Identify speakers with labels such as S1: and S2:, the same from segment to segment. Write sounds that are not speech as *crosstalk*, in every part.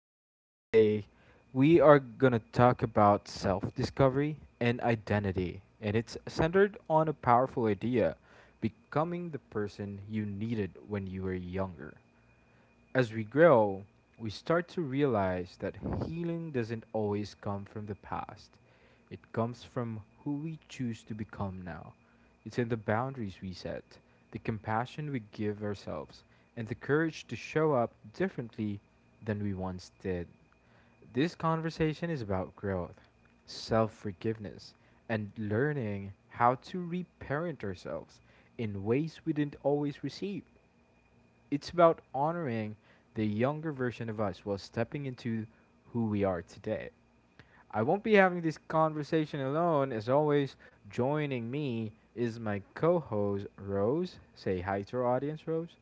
S1: and today we are gonna talk about self-discovery and identity, and it's centered on a powerful idea: becoming the person you needed when you were younger. As we grow, we start to realize that healing doesn't always come from the past. It comes from who we choose to become now. It's in the boundaries we set, the compassion we give ourselves, and the courage to show up differently than we once did. This conversation is about growth, self forgiveness, and learning how to reparent ourselves in ways we didn't always receive. It's about honoring the younger version of us while stepping into who we are today. I won't be having this conversation alone. As always, joining me is my co host, Rose. Say hi to our audience, Rose.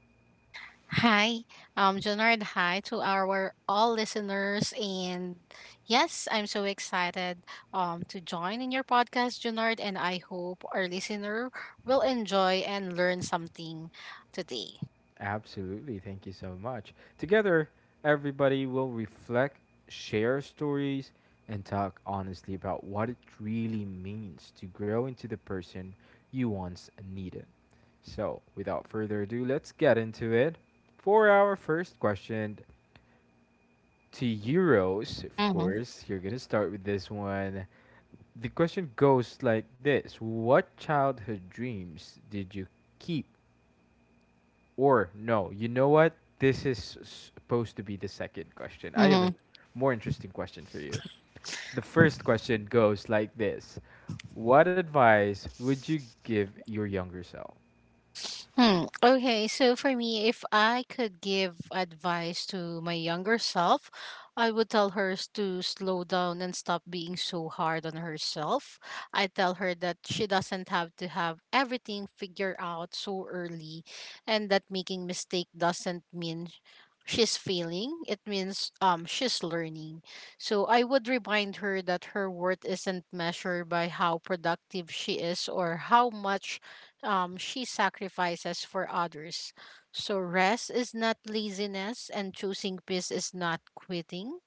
S2: Hi, Junard. Hi to our all listeners, and yes, I'm so excited to join in your podcast, Junard. And I hope our listener will enjoy and learn something today.
S1: Absolutely. Thank you so much. Together, everybody will reflect, share stories, and talk honestly about what it really means to grow into the person you once needed. So, without further ado, let's get into it. For our first question to Euros, of
S2: Mm-hmm.
S1: course, you're going to start with this one. The question goes like this: what childhood dreams did you keep or no, you know what? This is supposed to be the second question. I have
S2: Mm-hmm.
S1: a more interesting question for you. The first question goes like this: what advice would you give your younger self?
S2: Hmm. Okay. So for me, if I could give advice to my younger self, I would tell to slow down and stop being so hard on herself. I tell her that she doesn't have to have everything figured out so early, and that making mistake doesn't mean she's failing. It means she's learning. So I would remind her that her worth isn't measured by how productive she is or how much she sacrifices for others. So rest is not laziness, and choosing peace is not quitting.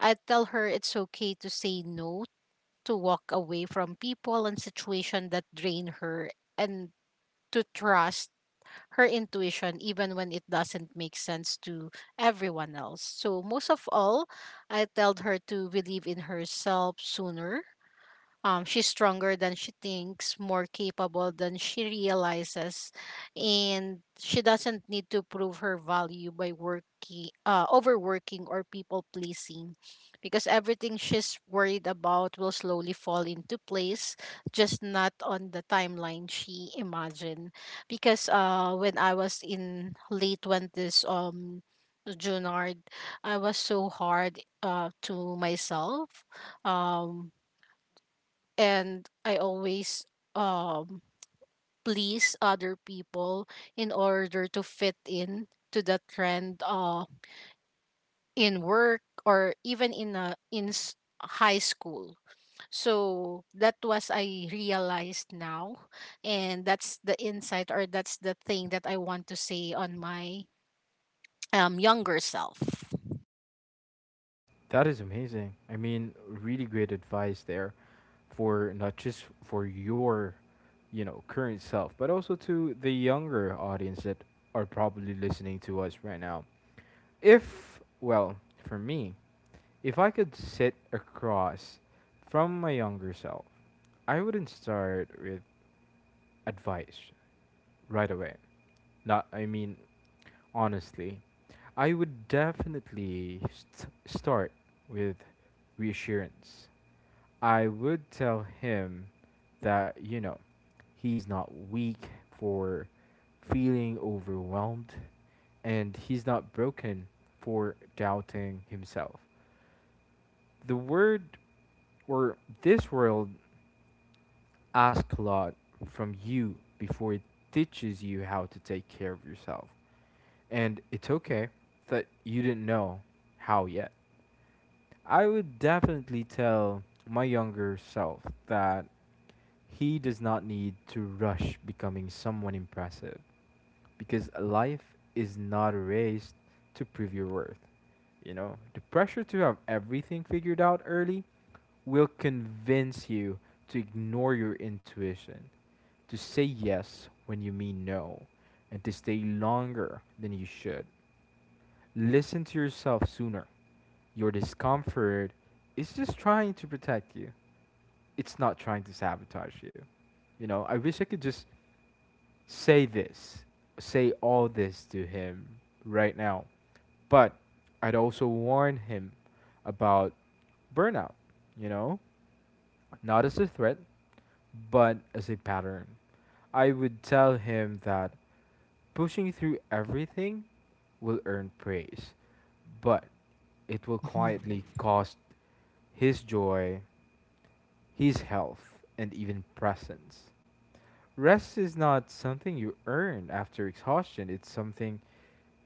S2: I tell her it's okay to say no, to walk away from people and situations that drain her, and to trust her intuition even when it doesn't make sense to everyone else. So most of all, I told her to believe in herself sooner. She's stronger than she thinks, more capable than she realizes, and she doesn't need to prove her value by overworking or people pleasing, because everything she's worried about will slowly fall into place, just not on the timeline she imagined. Because when I was in late 20s, Junard, I was so hard to myself. Um, and I always um please other people in order to fit in to the trend in work or even in high school. So that was I realized now, and that's the insight or that's the thing that I want to say on my younger self.
S1: That is amazing. I mean, really great advice there for not just for your, you know, current self, but also to the younger audience that are probably listening to us right now. If, well, for me, if I could sit across from my younger self, I wouldn't start with advice right away. Not, I mean, honestly, I would definitely start with reassurance. I would tell him that, you know, he's not weak for feeling overwhelmed and he's not broken for doubting himself the word or this world asks a lot from you before it teaches you how to take care of yourself. And it's okay that you didn't know how yet. I would definitely tell my younger self that he does not need to rush becoming someone impressive because life is not a race to prove your worth. You know, the pressure to have everything figured out early will convince you to ignore your intuition, to say yes when you mean no, and to stay longer than you should. Listen to yourself sooner. Your discomfort is just trying to protect you. It's not trying to sabotage you. You know, I wish I could just say this, say all this to him right now. But I'd also warn him about burnout, you know? Not as a threat, but as a pattern. I would tell him that pushing through everything will earn praise, but it will
S2: Mhm.
S1: quietly cost his joy, his health, and even presence. Rest is not something you earn after exhaustion, it's something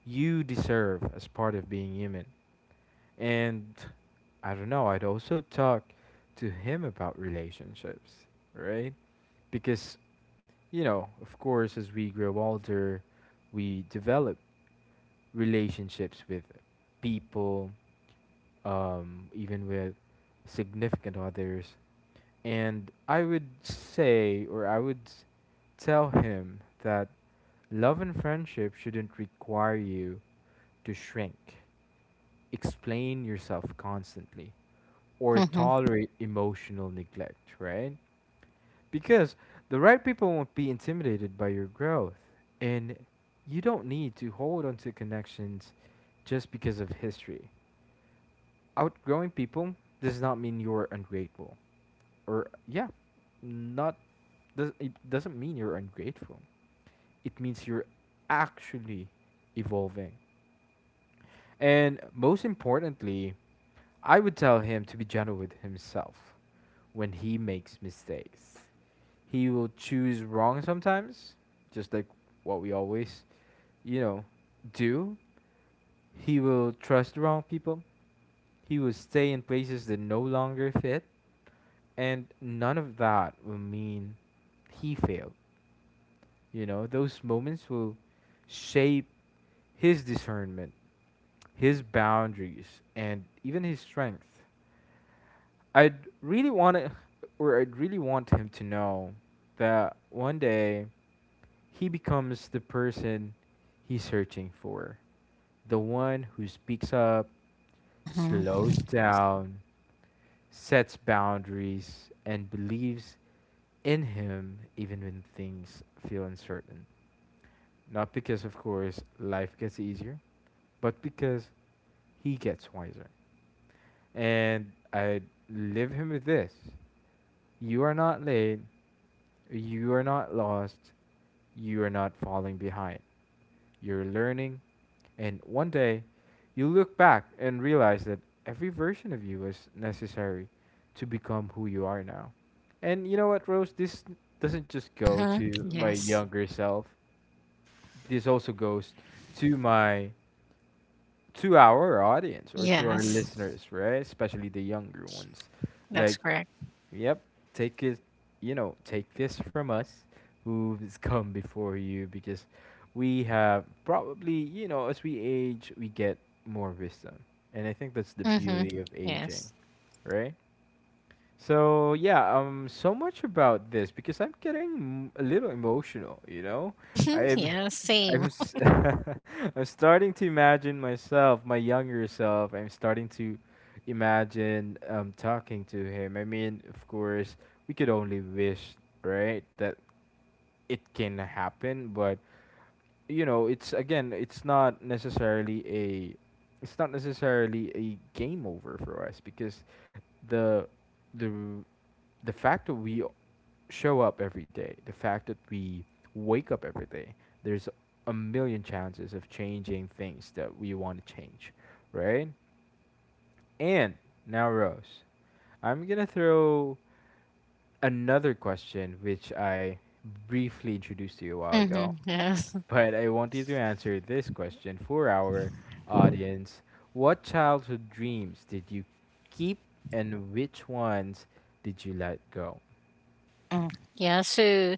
S1: you deserve as part of being human. And I don't know, I'd also talk to him about relationships, right? Because, you know, of course, as we grow older, we develop relationships with people, even with significant others. And I would say, or I would tell him that love and friendship shouldn't require you to shrink, explain yourself constantly, or
S2: Mhm.
S1: tolerate emotional neglect, right? Because the right people won't be intimidated by your growth. And you don't need to hold onto connections just because of history. Outgrowing people does not mean you're ungrateful. Or, yeah, not, does, it doesn't mean you're ungrateful. It means you're actually evolving. And most importantly, I would tell him to be gentle with himself when he makes mistakes. He will choose wrong sometimes, just like what we always, you know, do. He will trust the wrong people. He will stay in places that no longer fit. And none of that will mean he failed. You know, those moments will shape his discernment, his boundaries, and even his strength. I'd really want to, or I'd really want him to know that one day he becomes the person he's searching for, the one who speaks up,
S2: Mhm.
S1: slows down, sets boundaries, and believes in him even when things feel uncertain. Not because, of course, life gets easier, but because he gets wiser and I live him with this. You are not late. You are not lost. You are not falling behind. You're learning. And one day, you look back and realize that every version of you was necessary to become who you are now. And you know what, Rose? This doesn't just go
S2: Mhm.
S1: to my
S2: Yes.
S1: younger self, this also goes to my to our audience or to our
S2: Yes.
S1: listeners, right? Especially the younger ones.
S2: That's
S1: Like,
S2: correct.
S1: yep, take it, take this from us who's come before you because we have probably, you know, as we age, we get more wisdom. And I think that's the
S2: Mhm.
S1: beauty of aging,
S2: Yes.
S1: right? So yeah, so much about this because I'm getting a little emotional. You know,
S2: Mhm,
S1: I'm,
S2: yeah,
S1: *laughs*
S2: same.
S1: I'm, *laughs* I'm starting to imagine myself, my younger self. I'm starting to imagine talking to him. I mean, of course, we could only wish, right, that it can happen. But you know, it's again, it's not necessarily a game over for us because the the the fact that we show up every day, the fact that we wake up every day, there's a million chances of changing things that we want to change, right? And now, Rose, I'm gonna throw another question which I briefly introduced to you a while ago,
S2: Mm-hmm, yes.
S1: but I want you to answer this question for our audience. What childhood dreams did you keep and which ones did you let go?
S2: Mm. Yeah, so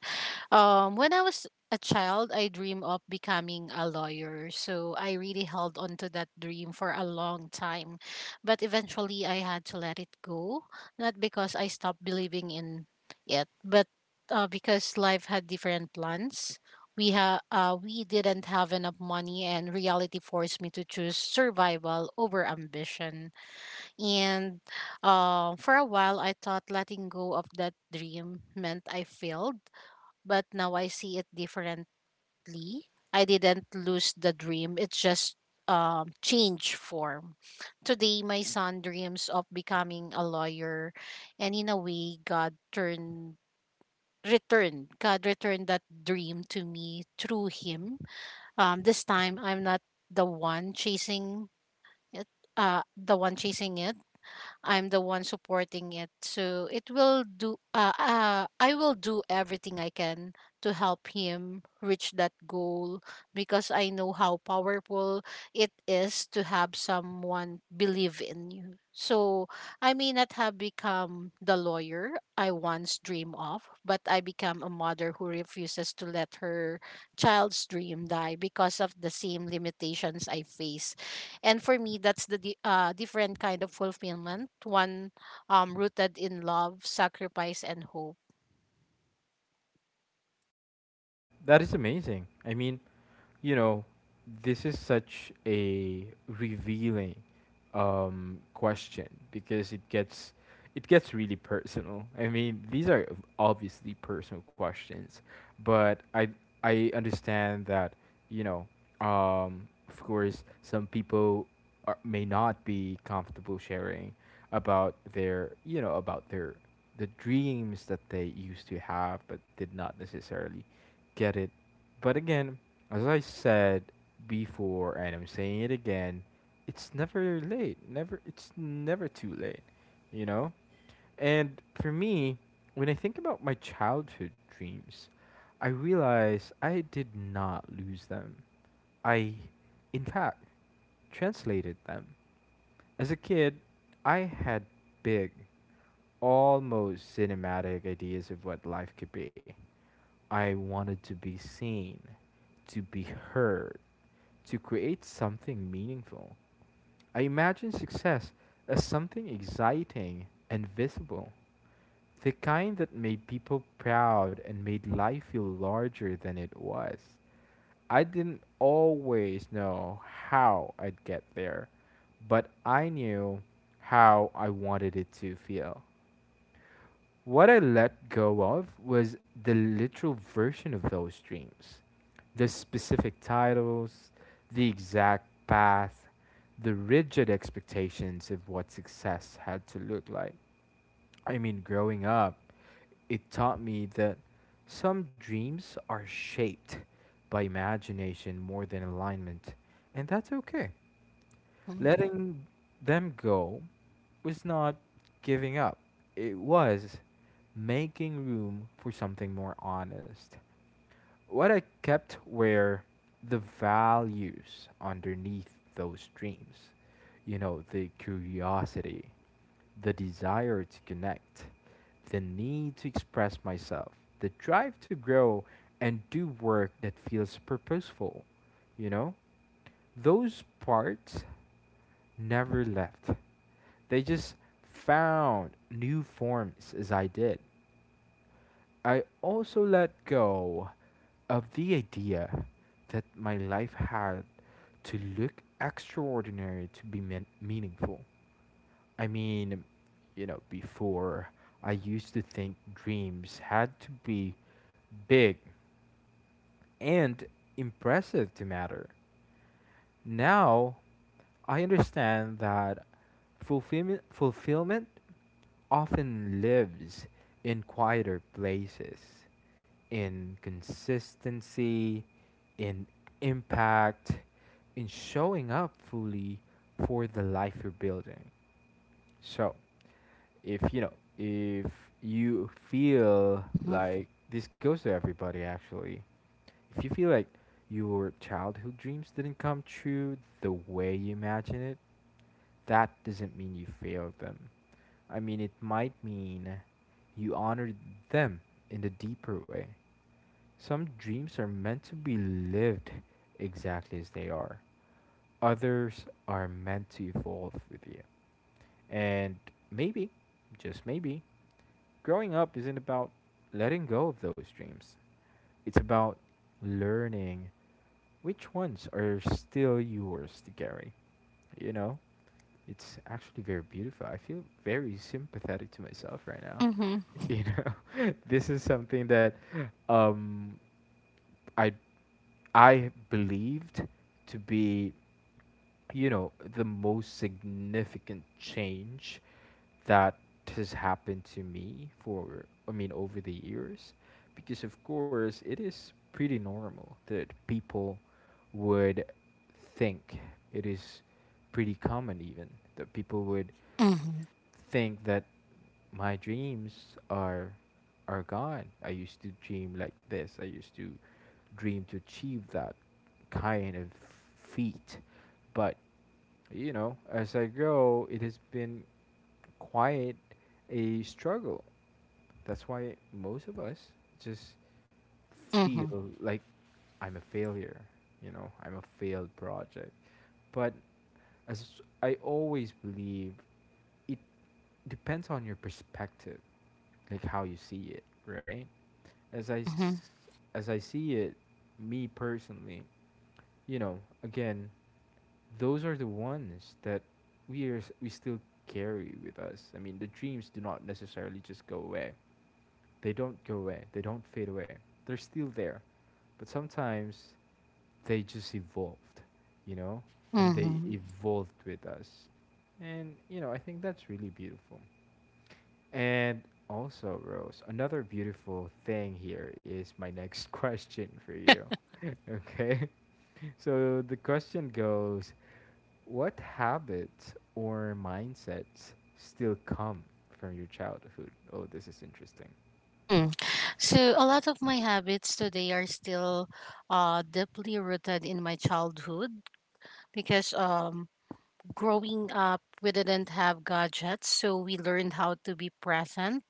S2: when I was a child, I dreamed of becoming a lawyer. So I really held on to that dream for a long time. But eventually I had to let it go, not because I stopped believing in it, but because life had different plans. We didn't have enough money, and reality forced me to choose survival over ambition. And for a while, I thought letting go of that dream meant I failed, but now I see it differently. I didn't lose the dream, it just changed form. Today, my son dreams of becoming a lawyer, and in a way, God returned that dream to me through him. This time I'm not the one chasing it the one chasing it, I'm the one supporting it. So it will do I will do everything I can to help him reach that goal because I know how powerful it is to have someone believe in you. So I may not have become the lawyer I once dreamed of, but I become a mother who refuses to let her child's dream die because of the same limitations I face, and for me, that's the different kind of fulfillment, one rooted in love, sacrifice, and hope.
S1: That is amazing. I mean, you know, this is such a revealing question because it gets really personal. I mean, these are obviously personal questions, but I understand that you know, of course, some people are, may not be comfortable sharing about their you know about their the dreams that they used to have but did not necessarily get it. But again, as I said before, and I'm saying it again, it's never late. Never, it's never too late, you know. And for me, when I think about my childhood dreams, I realize I did not lose them. I, in fact, translated them. As a kid, I had big, almost cinematic ideas of what life could be. I wanted to be seen, to be heard, to create something meaningful. I imagined success as something exciting and visible, the kind that made people proud and made life feel larger than it was. I didn't always know how I'd get there, but I knew how I wanted it to feel. What I let go of was the literal version of those dreams, the specific titles, the exact path, the rigid expectations of what success had to look like. I mean, growing up, it taught me that some dreams are shaped by imagination more than alignment, and that's okay.
S2: Mhm,
S1: Letting them go was not giving up, it was making room for something more honest. What I kept were the values underneath those dreams, you know, the curiosity, the desire to connect, the need to express myself, the drive to grow and do work that feels purposeful. You know, those parts never left. They just found new forms as I did. I also let go of the idea that my life had to look extraordinary to be meaningful. I mean, you know, before I used to think dreams had to be big and impressive to matter. Now, I understand that fulfillment often lives in quieter places, in consistency, in impact, in showing up fully for the life you're building. So, if you know, if you feel
S2: mhm,
S1: like this goes to everybody actually, if you feel like your childhood dreams didn't come true the way you imagine it, that doesn't mean you failed them. I mean, it might mean you honored them in a deeper way. Some dreams are meant to be lived exactly as they are, others are meant to evolve with you. And maybe, just maybe, growing up isn't about letting go of those dreams. It's about learning which ones are still yours to carry. You know, it's actually very beautiful. I feel very sympathetic to myself right now
S2: mhm,
S1: you know *laughs* this is something that um i I believed to be you know the most significant change that has happened to me for I mean over the years because of course it is pretty normal that people would think it is pretty common even that people would
S2: mhm,
S1: think that my dreams are gone. I used to dream like this. I used to dream to achieve that kind of feat. But you know, as I grow, it has been quite a struggle. That's why most of us just
S2: mhm,
S1: feel like I'm a failure, I'm a failed project. But as I always believe, it depends on your perspective, like how you see it, right? As I
S2: mhm,
S1: s- as I see it, me personally, you know, again, those are the ones that we still carry with us. I mean, the dreams do not necessarily just go away. They don't go away, they don't fade away. They're still there, but sometimes they just evolved, you know, and they
S2: mhm,
S1: evolved with us. And, you know, I think that's really beautiful. And also, Rose, another beautiful thing here is my next *laughs* question for you. Okay. *laughs* So the question goes: what habits or mindsets still come from your childhood? Oh, this is interesting.
S2: mhm. So a lot of my habits today are still deeply rooted in my childhood, because growing up, we didn't have gadgets, so we learned how to be present,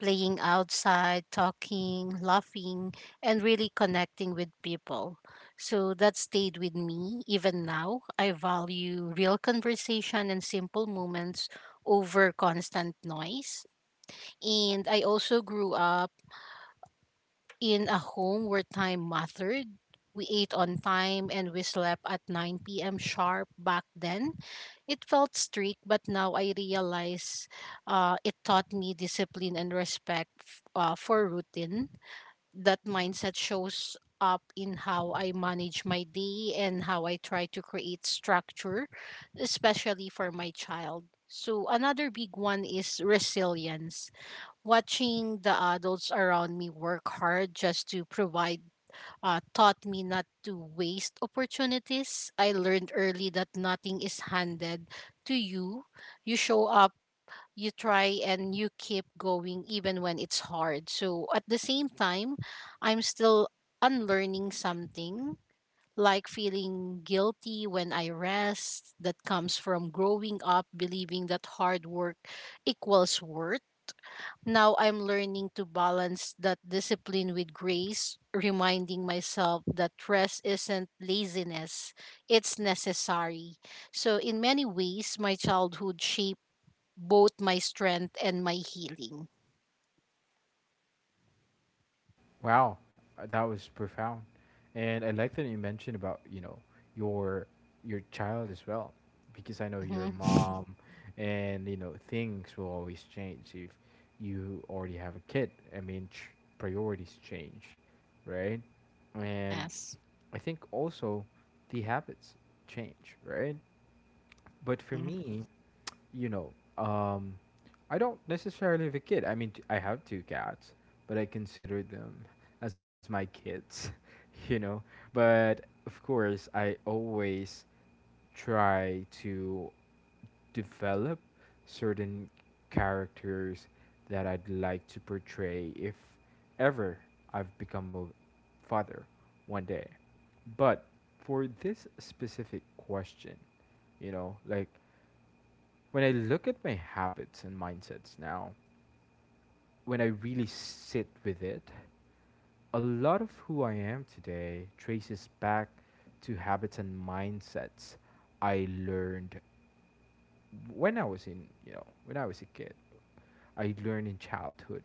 S2: playing outside, talking, laughing, and really connecting with people. So that stayed with me even now. I value real conversation and simple moments over constant noise. And I also grew up in a home where time mattered. We ate on time and we slept at 9 p.m. sharp back then. It felt strict, but now I realize it taught me discipline and respect for routine. That mindset shows up in how I manage my day and how I try to create structure, especially for my child. So, another big one is resilience. Watching the adults around me work hard just to provide taught me not to waste opportunities. I learned early that nothing is handed to you. You show up, you try, and you keep going even when it's hard. So at the same time, I'm still unlearning something. Like feeling guilty when I rest, that comes from growing up believing that hard work equals worth. Now I'm learning to balance that discipline with grace, reminding myself that rest isn't laziness, it's necessary. So, in many ways, my childhood shaped both my strength and my healing.
S1: Wow, that was profound, and I like that you mentioned about you know your your child as well, because I know your
S2: Mm-hmm. *laughs*
S1: mom, and you know things will always change if you already have a kid. I mean, priorities change, right? And
S2: Yes.
S1: I think also the habits change, right? But for
S2: Mm-hmm.
S1: me, you know, um, I don't necessarily have a kid. I mean, I have two cats, but I consider them as my kids, *laughs* you know. But of course, I always try to develop certain characters that I'd like to portray if ever I've become a father one day. But for this specific question, you know, like when I look at my habits and mindsets now, when I really sit with it, a lot of who I am today traces back to habits and mindsets I learned when I was in, you know, when I was a kid. I learned in childhood,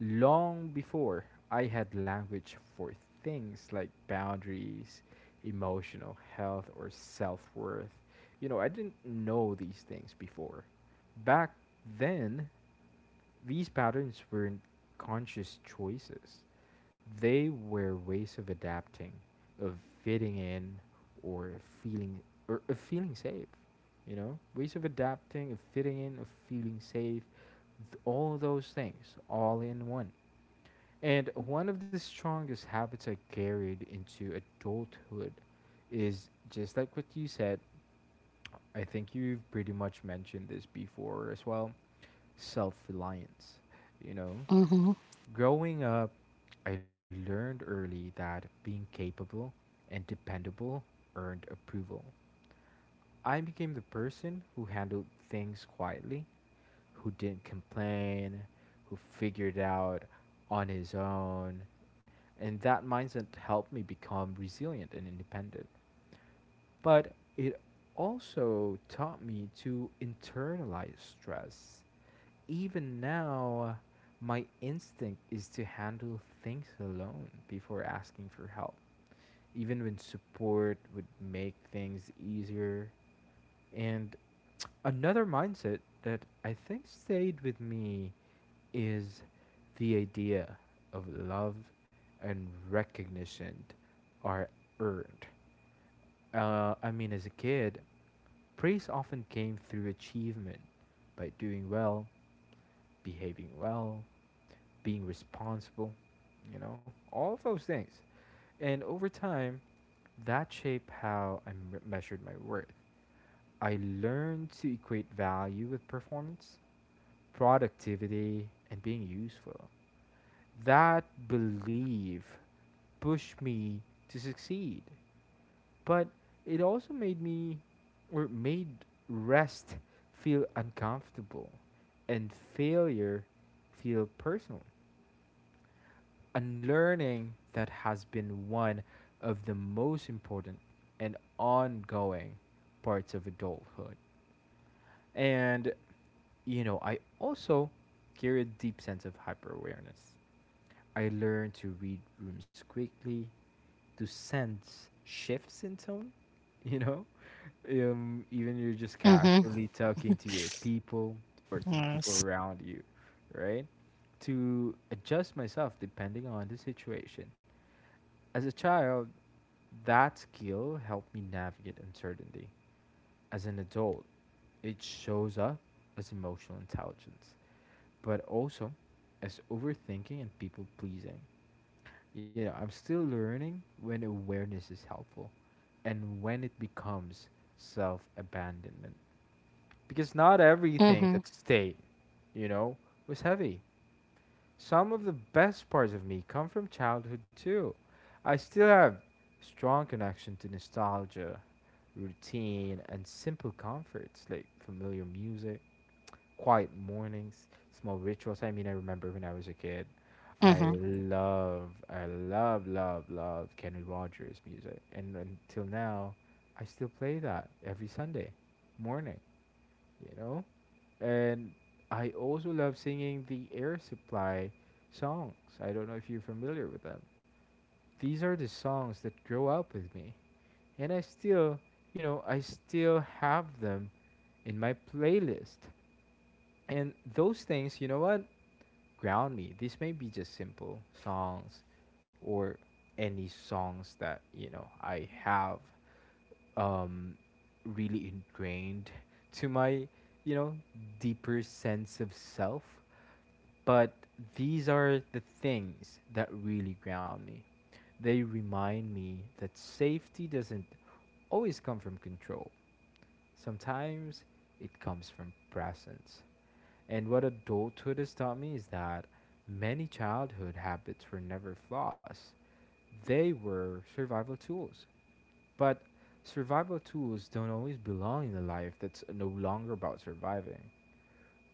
S1: long before I had language for things like boundaries, emotional health, or self worth. You know, I didn't know these things before. Back then, these patterns weren't conscious choices, they were ways of adapting, of fitting in, or feeling or of feeling safe. You know, ways of adapting, of fitting in, of feeling safe, all those things, all in one. And one of the strongest habits I carried into adulthood is just like what you said. I think you've pretty much mentioned this before as well: self reliance. You know,
S2: Mm-hmm.
S1: growing up, I learned early that being capable and dependable earned approval. I became the person who handled things quietly, who didn't complain, who figured out on his own, and that mindset helped me become resilient and independent. But it also taught me to internalize stress. Even now, my instinct is to handle things alone before asking for help, even when support would make things easier. And another mindset that I think stayed with me is the idea of love and recognition are earned. I mean, as a kid, praise often came through achievement by doing well, behaving well, being responsible, you know, all of those things. And over time, that shaped how measured my worth. I learned to equate value with performance, productivity, and being useful. That belief pushed me to succeed. But it also made me or made rest feel uncomfortable and failure feel personal. Unlearning that has been one of the most important and ongoing parts of adulthood. And you know, I also carry a deep sense of hyper awareness. I learned to read rooms quickly, to sense shifts in tone, *laughs* you know? Even you're just
S2: Mm-hmm.
S1: casually talking to your people or to the people
S2: Yes.
S1: around you, right? To adjust myself depending on the situation. As a child, that skill helped me navigate uncertainty. As an adult, it shows up as emotional intelligence, but also as overthinking and people pleasing. You know, I'm still learning when awareness is helpful and when it becomes self abandonment. Because not everything
S2: Mm-hmm.
S1: that stayed, you know, was heavy. Some of the best parts of me come from childhood too. I still have strong connection to nostalgia, routine, and simple comforts like familiar music, quiet mornings, small rituals. I mean, I remember when I was a kid,
S2: Mm-hmm.
S1: love Kenny Rogers music, and until now, I still play that every Sunday morning. You know, and I also love singing the Air Supply songs. I don't know if you're familiar with them. These are the songs that grow up with me, and I still, you know, I still have them in my playlist. And those things, you know what, ground me. This may be just simple songs or any songs that, you know, I have um really ingrained to my, you know, deeper sense of self. But these are the things that really ground me. They remind me that safety doesn't always come from control. Sometimes it comes from presence. And what adulthood has taught me is that many childhood habits were never flaws. They were survival tools. But survival tools don't always belong in a life that's no longer about surviving.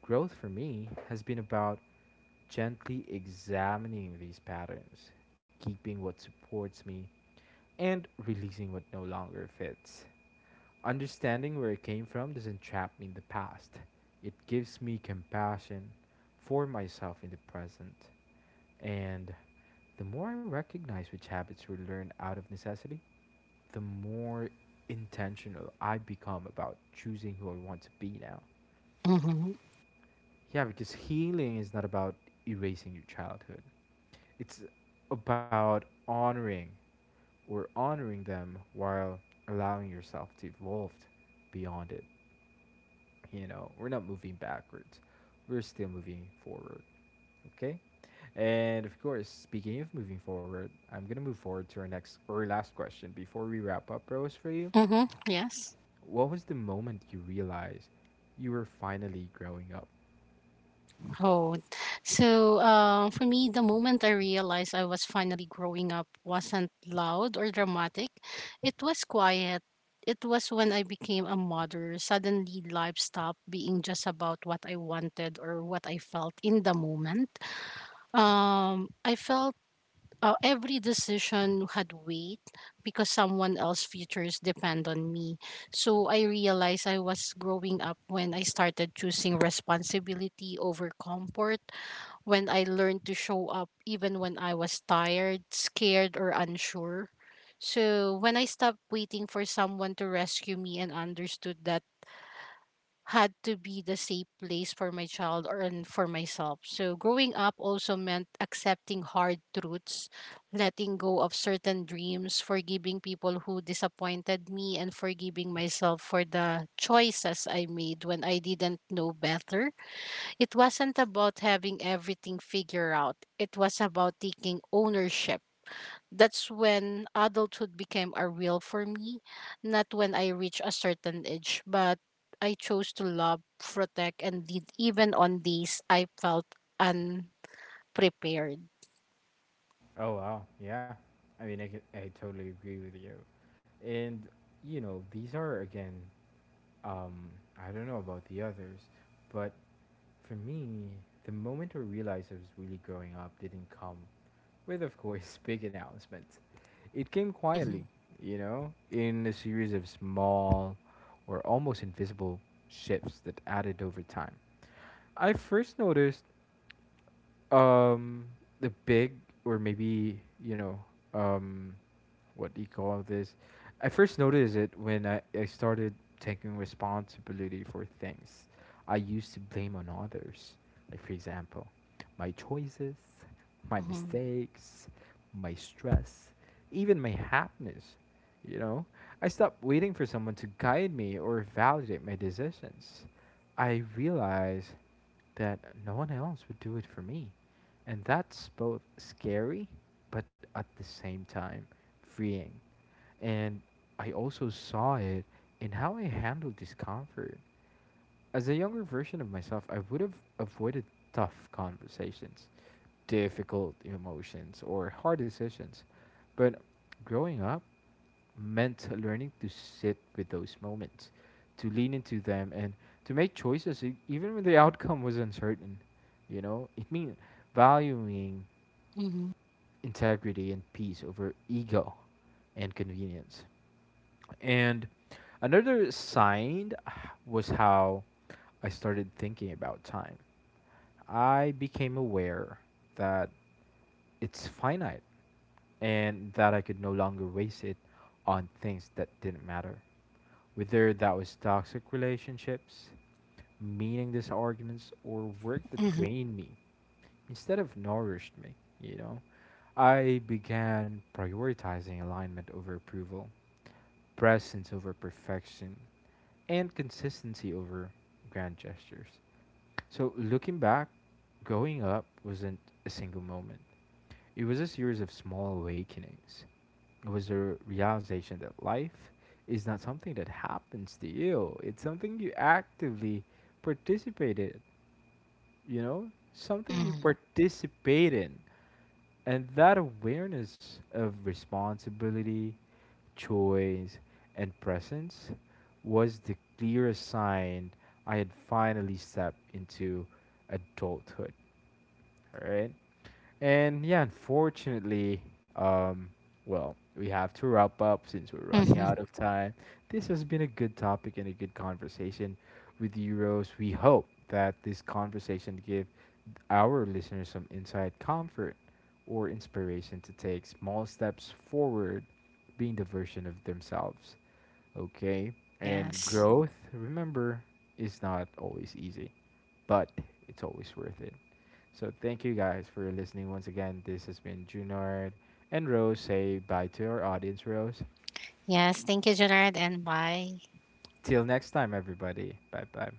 S1: Growth for me has been about gently examining these patterns, keeping what supports me, and releasing what no longer fits. Understanding where I came from doesn't trap me in the past. It gives me compassion for myself in the present. And the more I recognize which habits were learned out of necessity, the more intentional I become about choosing who I want to be now.
S2: Mm-hmm.
S1: Yeah, because healing is not about erasing your childhood, it's about honoring or honoring them while allowing yourself to evolve beyond it. You know, we're not moving backwards. We're still moving forward, okay? And of course, speaking of moving forward, I'm gonna move forward to our next or last question before we wrap up, Rose, for you.
S2: Mm-hmm. Yes.
S1: What was the moment you realized you were finally growing up?
S2: Oh, so for me, the moment I realized I was finally growing up wasn't loud or dramatic. It was quiet. It was when I became a mother. Suddenly, life stopped being just about what I wanted or what I felt in the moment. I felt every decision had weight because someone else's futures depend on me. So I realized I was growing up when I started choosing responsibility over comfort, when I learned to show up even when I was tired, scared, or unsure. So when I stopped waiting for someone to rescue me and understood that had to be the safe place for my child or and for myself. So growing up also meant accepting hard truths, letting go of certain dreams, forgiving people who disappointed me, and forgiving myself for the choices I made when I didn't know better. It wasn't about having everything figured out, it was about taking ownership. That's when adulthood became a real for me, not when I reached a certain age, but I chose to love, protect, and lead even on days I felt unprepared.
S1: Oh wow, yeah. I mean, I, can, I totally agree with you. And you know, these are again. Um, I don't know about the others, but for me, the moment I realized I was really growing up didn't come with, of course, big announcements. It came quietly,
S2: *laughs*
S1: you know, in a series of small or almost invisible shifts that added over time. I first noticed um the big or maybe you know um what do you call this. I first noticed it when I started taking responsibility for things I used to blame on others, like for example my choices, my
S2: Mhm,
S1: mistakes, my stress, even my happiness. You know, I stopped waiting for someone to guide me or validate my decisions. I realized that no one else would do it for me, and that's both scary, but at the same time, freeing. And I also saw it in how I handled discomfort. As a younger version of myself, I would have avoided tough conversations, difficult emotions, or hard decisions. But growing up meant learning to sit with those moments, to lean into them, and to make choices even when the outcome was uncertain. You know, *laughs* it means valuing
S2: mhm,
S1: integrity and peace over ego and convenience. And another sign was how I started thinking about time. I became aware that it's finite and that I could no longer waste it on things that didn't matter. Whether that was toxic relationships, meaningless arguments, or work
S2: mhm,
S1: that
S2: mhm,
S1: drained me instead of nourished me, you know, I began prioritizing alignment over approval, presence over perfection, and consistency over grand gestures. So, looking back, growing up wasn't a single moment, it was a series of small awakenings. It was a realization that life is not something that happens to you, it's something you actively participate in. You know, something you
S2: mhm,
S1: participate in. And that awareness of responsibility, choice, and presence was the clearest sign I had finally stepped into adulthood. All right. And yeah, unfortunately, um, well, we have to wrap up since we're running
S2: mhm.
S1: out of time. This has been a good topic and a good conversation with you, Rose. We hope that this conversation give our listeners some insight, comfort, or inspiration to take small steps forward, being the version of themselves. Okay? And
S2: Yes.
S1: growth, remember, is not always easy, but it's always worth it. So thank you guys for listening once again. This has been Junard and Rose. Say bye to our audience, Rose.
S2: Yes. Thank you, Jonard, and bye.
S1: Till next time, everybody. Bye bye.